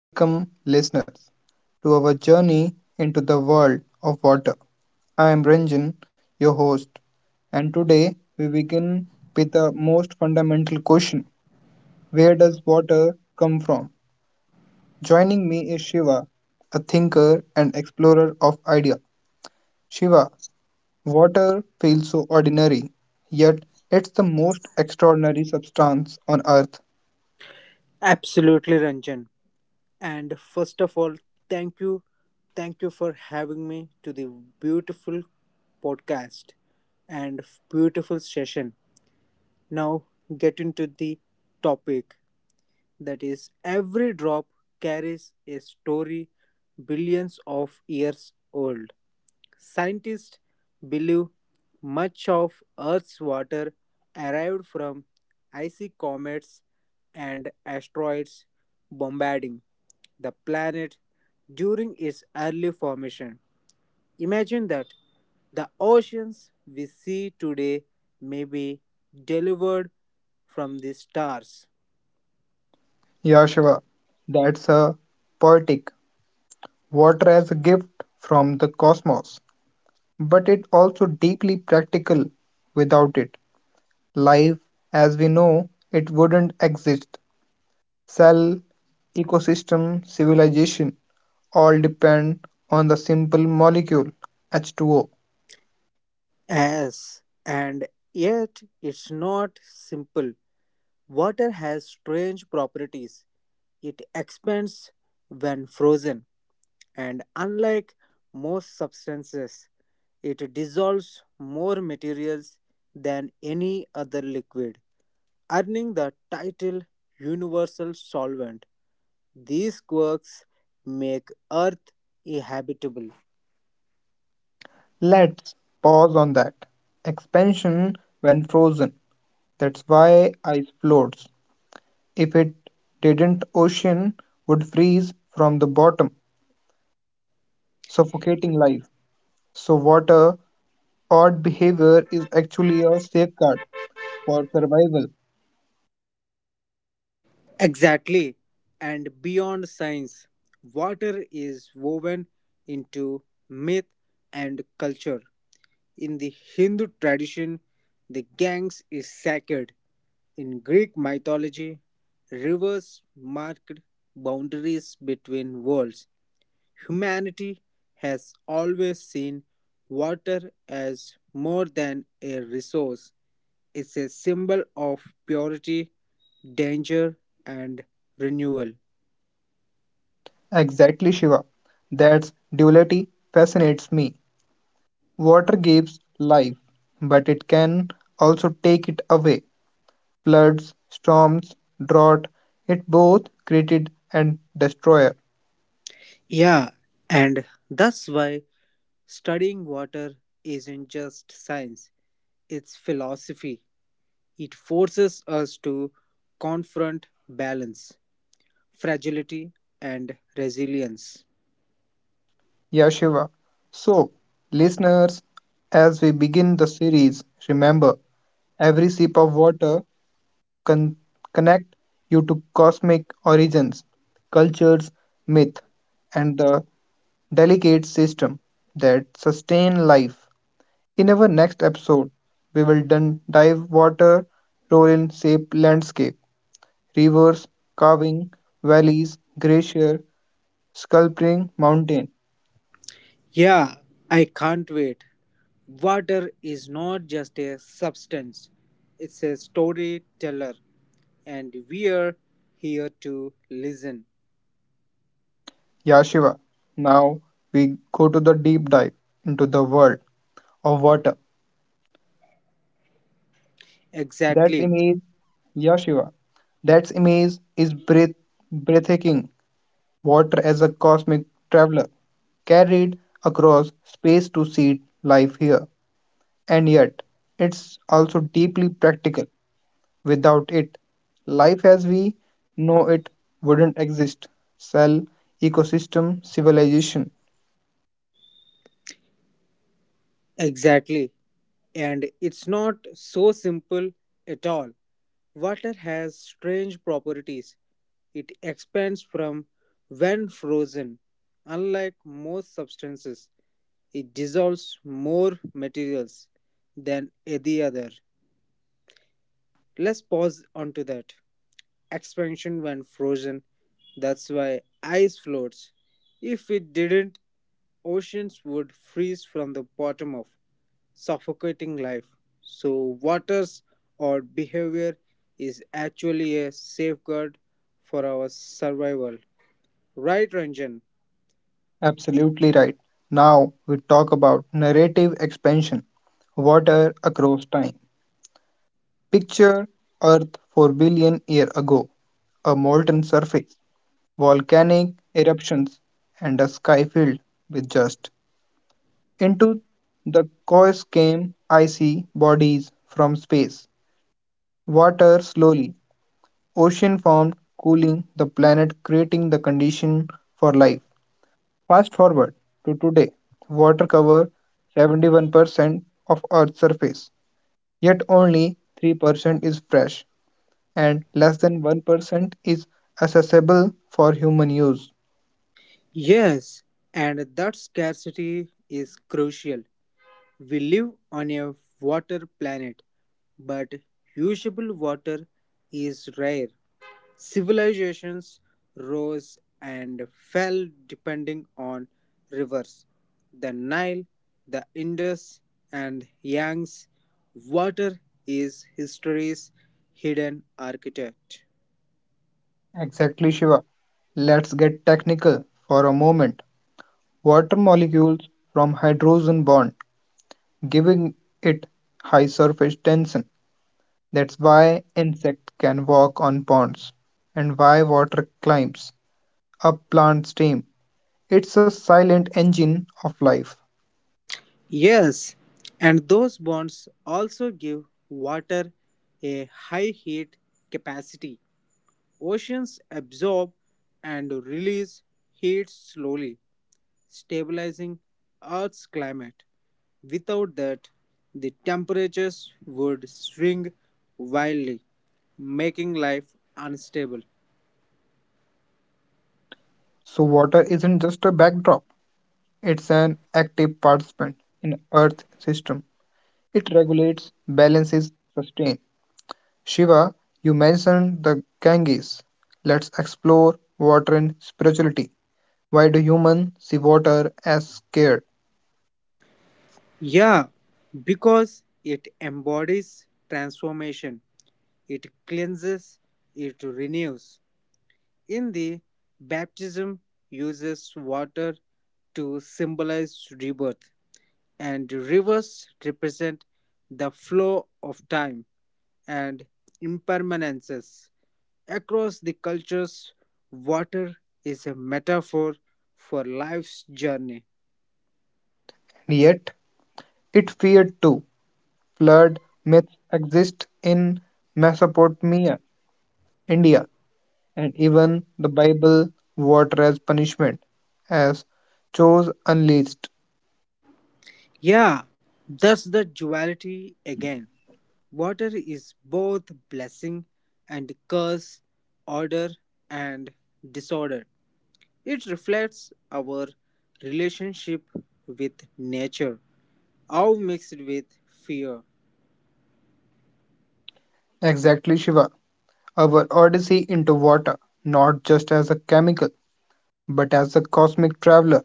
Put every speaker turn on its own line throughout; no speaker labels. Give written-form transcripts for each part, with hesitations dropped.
Welcome, listeners, to our journey into the world of water. I am Ranjan, your host, and today we begin with the most fundamental question: where does water come from? Joining me is Shiva, a thinker and explorer of idea. Shiva, water feels so ordinary, yet it's the most extraordinary substance on earth.
Absolutely, Ranjan. And first of all, thank you. Thank you for having me to the beautiful podcast and beautiful session. Now, get into the topic that is, every drop carries a story billions of years old. Scientists believe much of Earth's water arrived from icy comets and asteroids bombarding the planet during its early formation. Imagine that the oceans we see today may be delivered from the stars.
Yeah, Shiva, that's a poetic water as a gift from the cosmos, but it also deeply practical. Without it, life as we know it wouldn't exist. Cell, ecosystem, civilization all depend on the simple molecule H2O.
Yes, and yet it's not simple. Water has strange properties. It expands when frozen, and unlike most substances, it dissolves more materials than any other liquid, earning the title Universal Solvent. These quirks make Earth habitable.
Let's pause on that. Expansion when frozen. That's why ice floats. If it didn't, ocean would freeze from the bottom, suffocating life. So water odd behavior is actually a safeguard for survival.
Exactly. And beyond science, water is woven into myth and culture. In the Hindu tradition, the Ganges is sacred. In Greek mythology, rivers marked boundaries between worlds; humanity has always seen water as more than a resource, it's a symbol of purity, danger, and renewal.
Exactly, Shiva. That's duality fascinates me. Water gives life, but it can also take it away. Floods, storms, drought, it both created and destroyer.
Yeah, and that's why studying water isn't just science, it's philosophy. It forces us to confront balance, fragility, and resilience.
Yeah, Shiva. So, listeners, as we begin the series, remember every sip of water con- connect you to cosmic origins, cultures, myth, and the delicate system that sustain life. In our next episode, we will dive water role in shape landscape, rivers, carving, valleys, glacier, sculpting mountain.
Yeah, I can't wait. Water is not just a substance, it's a storyteller, and we are here to listen.
Yashiva. Now we go to the deep dive into the world of water. That's
Exactly,
image, yeah, Shiva. That's image is breathtaking. Water as a cosmic traveler, carried across space to see life here. And yet, it's also deeply practical. Without it, life as we know it wouldn't exist. Cell, ecosystem, civilization.
exactly. And it's not so simple at all. Water has strange properties. It expands from when frozen. Unlike most substances, it dissolves more materials than any other. Let's pause onto that. Expansion when frozen. That's why ice floats. If it didn't, oceans would freeze from the bottom up, suffocating life. So, waters or behavior is actually a safeguard for our survival. Right, Ranjan?
Absolutely right. Now we talk about narrative expansion, water across time. Picture Earth 4 billion years ago. A molten surface, volcanic eruptions, and a sky filled with dust. Into the chaos came icy bodies from space. Water slowly. Ocean formed, cooling the planet, creating the condition for life. Fast forward to today. Water covers 71% of Earth's surface, yet only 3% is fresh, and less than 1% is accessible for human use.
Yes, and that scarcity is crucial. We live on a water planet, but usable water is rare. Civilizations rose and fell depending on rivers. The Nile, the Indus, and Yangtze, water is history's hidden architect.
Exactly, Shiva. Let's get technical for a moment. Water molecules from hydrogen bond, giving it high surface tension. That's why insects can walk on ponds and why water climbs up plant stem. It's a silent engine of life.
Yes, and those bonds also give water a high heat capacity. Oceans absorb and release heat slowly, stabilizing Earth's climate. Without that, the temperatures would swing wildly, making life unstable.
So water isn't just a backdrop, it's an active participant in Earth system. It regulates, balances, sustains. Shiva, you mentioned the Ganges. Let's explore water and spirituality. Why do humans see water as scared?
Yeah, because it embodies transformation, it cleanses, it renews. In the baptism, uses water to symbolize rebirth, and rivers represent the flow of time and impermanences. Across the cultures, water is a metaphor for life's journey.
And yet, it feared too. Flood myths exist in Mesopotamia, India, and even the Bible, water as punishment, as chose unleashed.
Yeah, that's the duality again. Water is both blessing and curse, order and disorder. It reflects our relationship with nature, how mixed with fear.
Exactly, Shiva. Our odyssey into water, not just as a chemical, but as a cosmic traveler,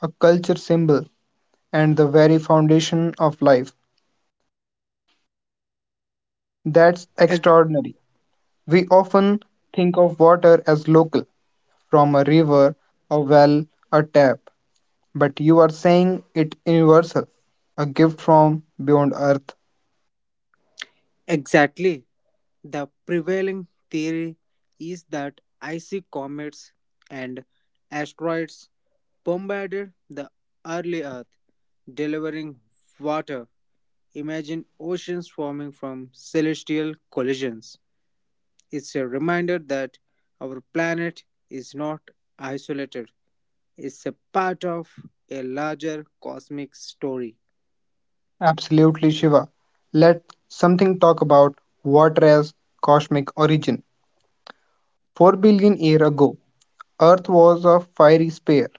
a culture symbol, and the very foundation of life. That's
Ex-
extraordinary. We often think of water as local, from a river, a well, a tap, but you are saying it universal, a gift from beyond earth.
Exactly. The prevailing theory is that icy comets and asteroids bombarded the early Earth, delivering water. Imagine oceans forming from celestial collisions. It's a reminder that our planet is not isolated, it's a part of a larger cosmic story.
Absolutely, Shiva. Let something talk about water as cosmic origin. 4 billion year ago, Earth was a fiery sphere.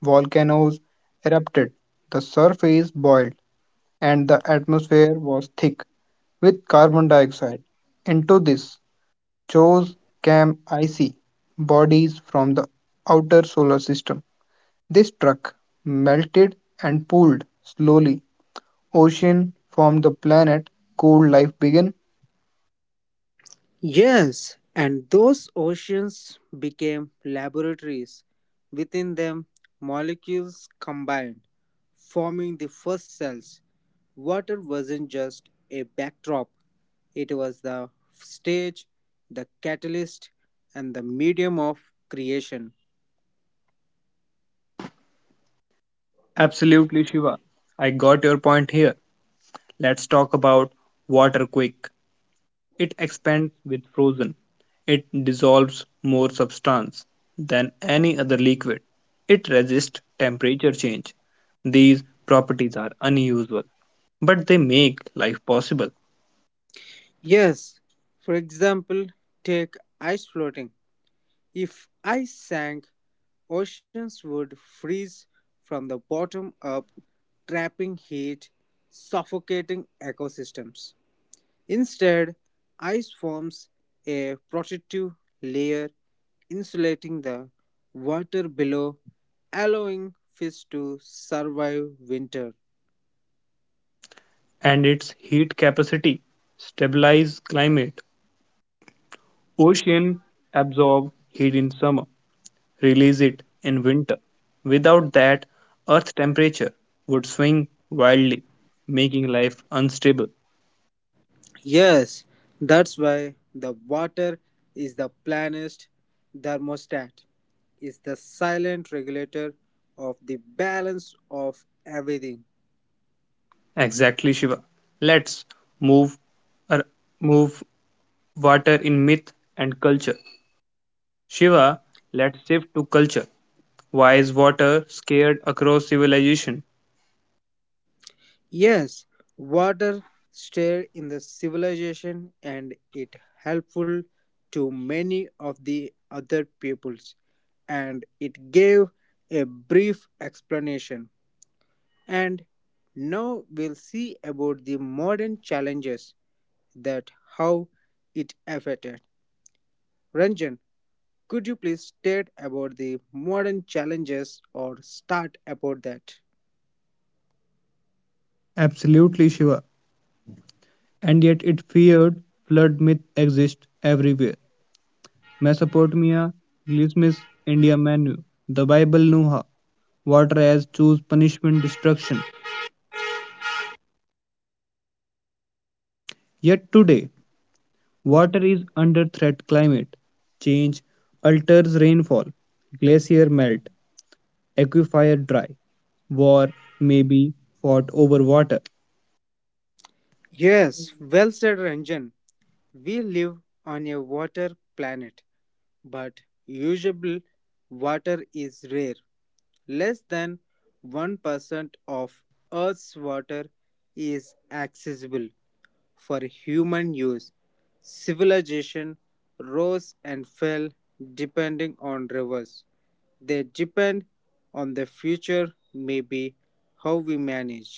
Volcanoes erupted, the surface boiled, and the atmosphere was thick with carbon dioxide. Into this chose came icy bodies from the outer solar system. They struck, melted, and pooled slowly. Ocean formed the planet, cold life began.
Yes, and those oceans became laboratories. Within them, molecules combined, forming the first cells. Water wasn't just a backdrop, it was the stage, the catalyst, and the medium of creation.
Absolutely, Shiva. I got your point here. Let's talk about water quick. It expands with frozen. It dissolves more substance than any other liquid. It resists temperature change. These properties are unusual, but they make life possible.
Yes, for example, take ice floating. If ice sank, oceans would freeze from the bottom up, trapping heat, suffocating ecosystems. Instead, ice forms a protective layer, insulating the water below, allowing fish to survive winter.
And its heat capacity stabilizes climate. Ocean absorb heat in summer, release it in winter. Without that, Earth temperature would swing wildly, making life unstable.
Yes, that's why the water is the planet's thermostat. It's the silent regulator of the balance of everything.
Exactly, Shiva. Let's move uh, move water in myth and culture. Shiva, let's shift to culture. Why is water scared across civilization?
Yes, water stayed in the civilization and it helpful to many of the other peoples and it gave a brief explanation and now we'll see about the modern challenges that how it affected, Ranjan. Could you please state about the modern challenges or start about that?
Absolutely, Shiva. And yet it feared flood myth exists everywhere. Mesopotamia, Gilgamesh, India Manu. The Bible knew her. Water as choose punishment destruction. Yet today water is under threat. Climate change alters rainfall, glacier melt, aquifer dry. War may be fought over water.
Yes, well said, Ranjan. We live on a water planet, but usable water is rare. Less than 1% of Earth's water is accessible for human use. Civilization rose and fell depending on rivers. They depend on the future, maybe how we manage.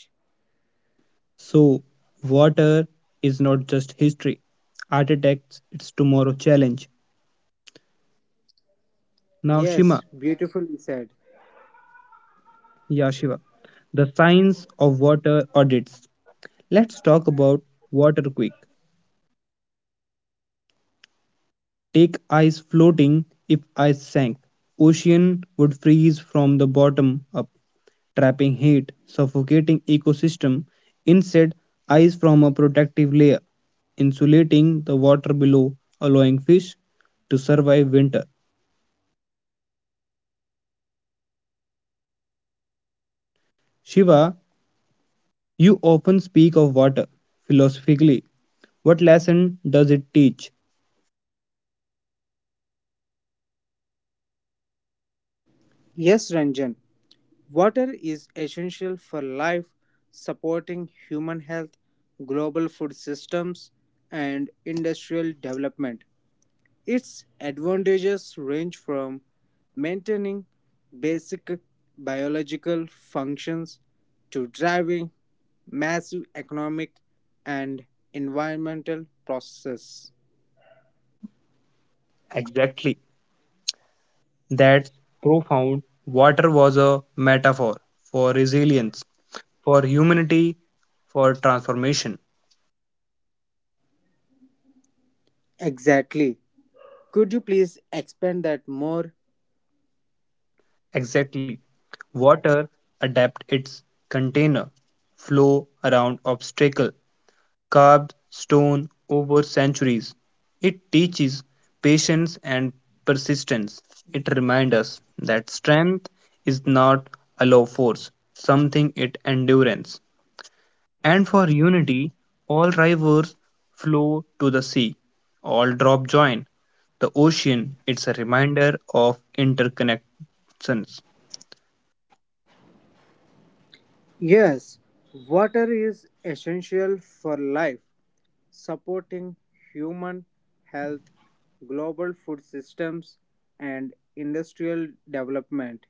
So, water is not just history. Architects, its tomorrow challenge. Now,
Yes,
Shima,
beautifully said.
yeah, Shiva, the science of water audits. Let's talk about water quick. Take ice floating. If ice sank, ocean would freeze from the bottom up, trapping heat, suffocating ecosystem. Instead, ice from a protective layer, insulating the water below, allowing fish to survive winter. Shiva, you often speak of water philosophically. What lesson does it teach?
Yes, Ranjan. Water is essential for life, supporting human health, global food systems, and industrial development. Its advantages range from maintaining basic biological functions to driving massive economic and environmental processes.
Exactly. That's profound. Water was a metaphor for resilience, for humanity, for transformation.
Exactly. Could you please expand that more?
Exactly. Water adapt its container flow around obstacle carved stone over centuries. It teaches patience and persistence. It reminds us that strength is not a low force, something it endurance. And for unity, all rivers flow to the sea, all drop join. The ocean, it's a reminder of interconnections.
Yes, water is essential for life, supporting human health, global food systems, and industrial development.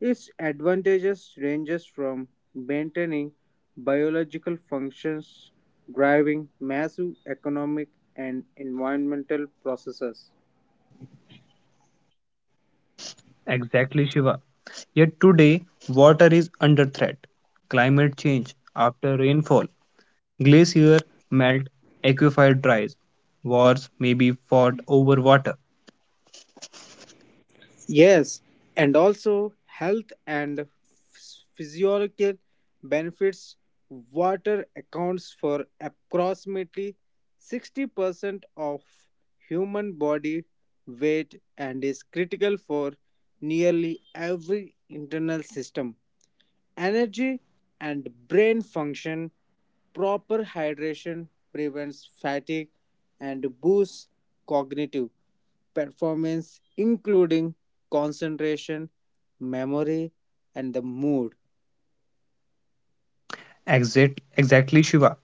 Its advantages ranges from maintaining biological functions, driving massive economic and environmental processes.
Exactly, Shiva. Yet today, water is under threat. Climate change after rainfall, glacier melt, aquifer dries, wars may be fought over water.
Yes, and also health and physiological benefits. Water accounts for approximately 60% of human body weight and is critical for nearly every internal system. Energy and brain function, proper hydration prevents fatigue and boosts cognitive performance, including concentration, memory, and the mood.
Exactly, Shiva.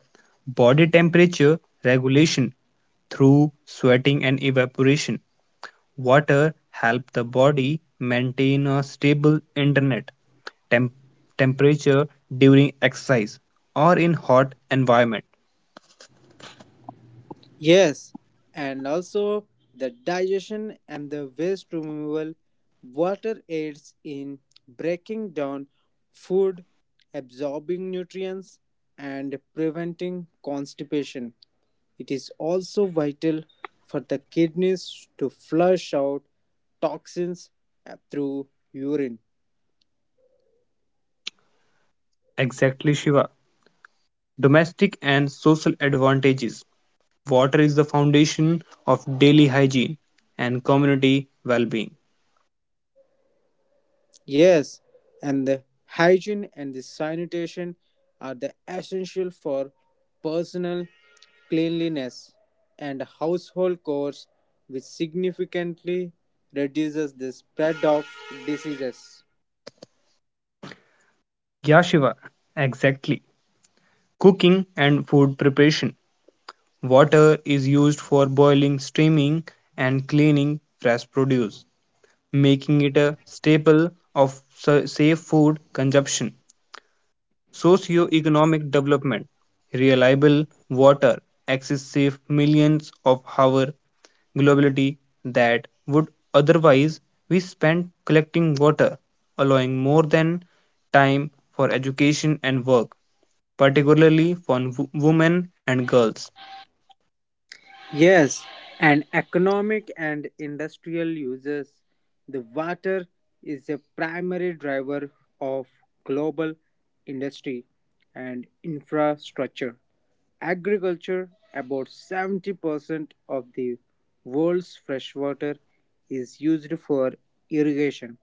Body temperature regulation through sweating and evaporation. Water help the body maintain a stable internet temp- temperature during exercise or in hot environment.
Yes, and also the digestion and the waste removal. Water aids in breaking down food, absorbing nutrients, and preventing constipation. It is also vital for the kidneys to flush out toxins through urine.
Exactly, Shiva. Domestic and social advantages: water is the foundation of daily hygiene and community well-being.
Yes, and the hygiene and the sanitation are the essential for personal cleanliness and household chores, which significantly reduces the spread of diseases.
Yeah, Shiva, exactly. Cooking and food preparation. Water is used for boiling, steaming, and cleaning fresh produce, making it a staple of safe food consumption. Socio-economic development, reliable water, access safe millions of hours globality that would otherwise be spent collecting water, allowing more than time for education and work, particularly for women and girls.
Yes, and economic and industrial uses. The water is a primary driver of global industry and infrastructure. Agriculture, about 70% of the world's freshwater is used for irrigation,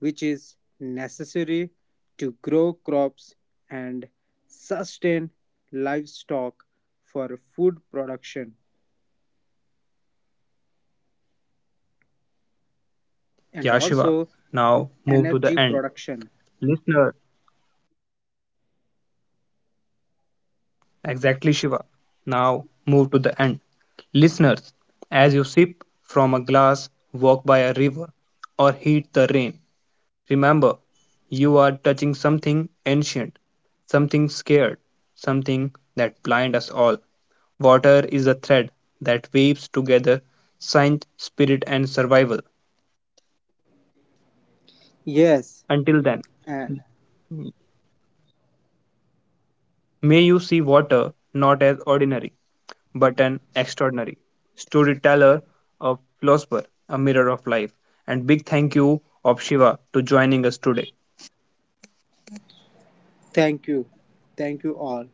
which is necessary to grow crops and sustain livestock for food production.
Yashiva, now move to the end.
And also
Listener,
the energy production.
exactly, Shiva. Now move to the end. Listeners, as you sip from a glass, walk by a river, or heed the rain, remember you are touching something ancient, something scared, something that blind us all. Water is a thread that weaves together science, spirit, and survival. Until then,
Yes, uh,
may you see water not as ordinary but an extraordinary storyteller of philosopher, a mirror of life. And big thank you of Shiva to joining us today.
thank you. Thank you all.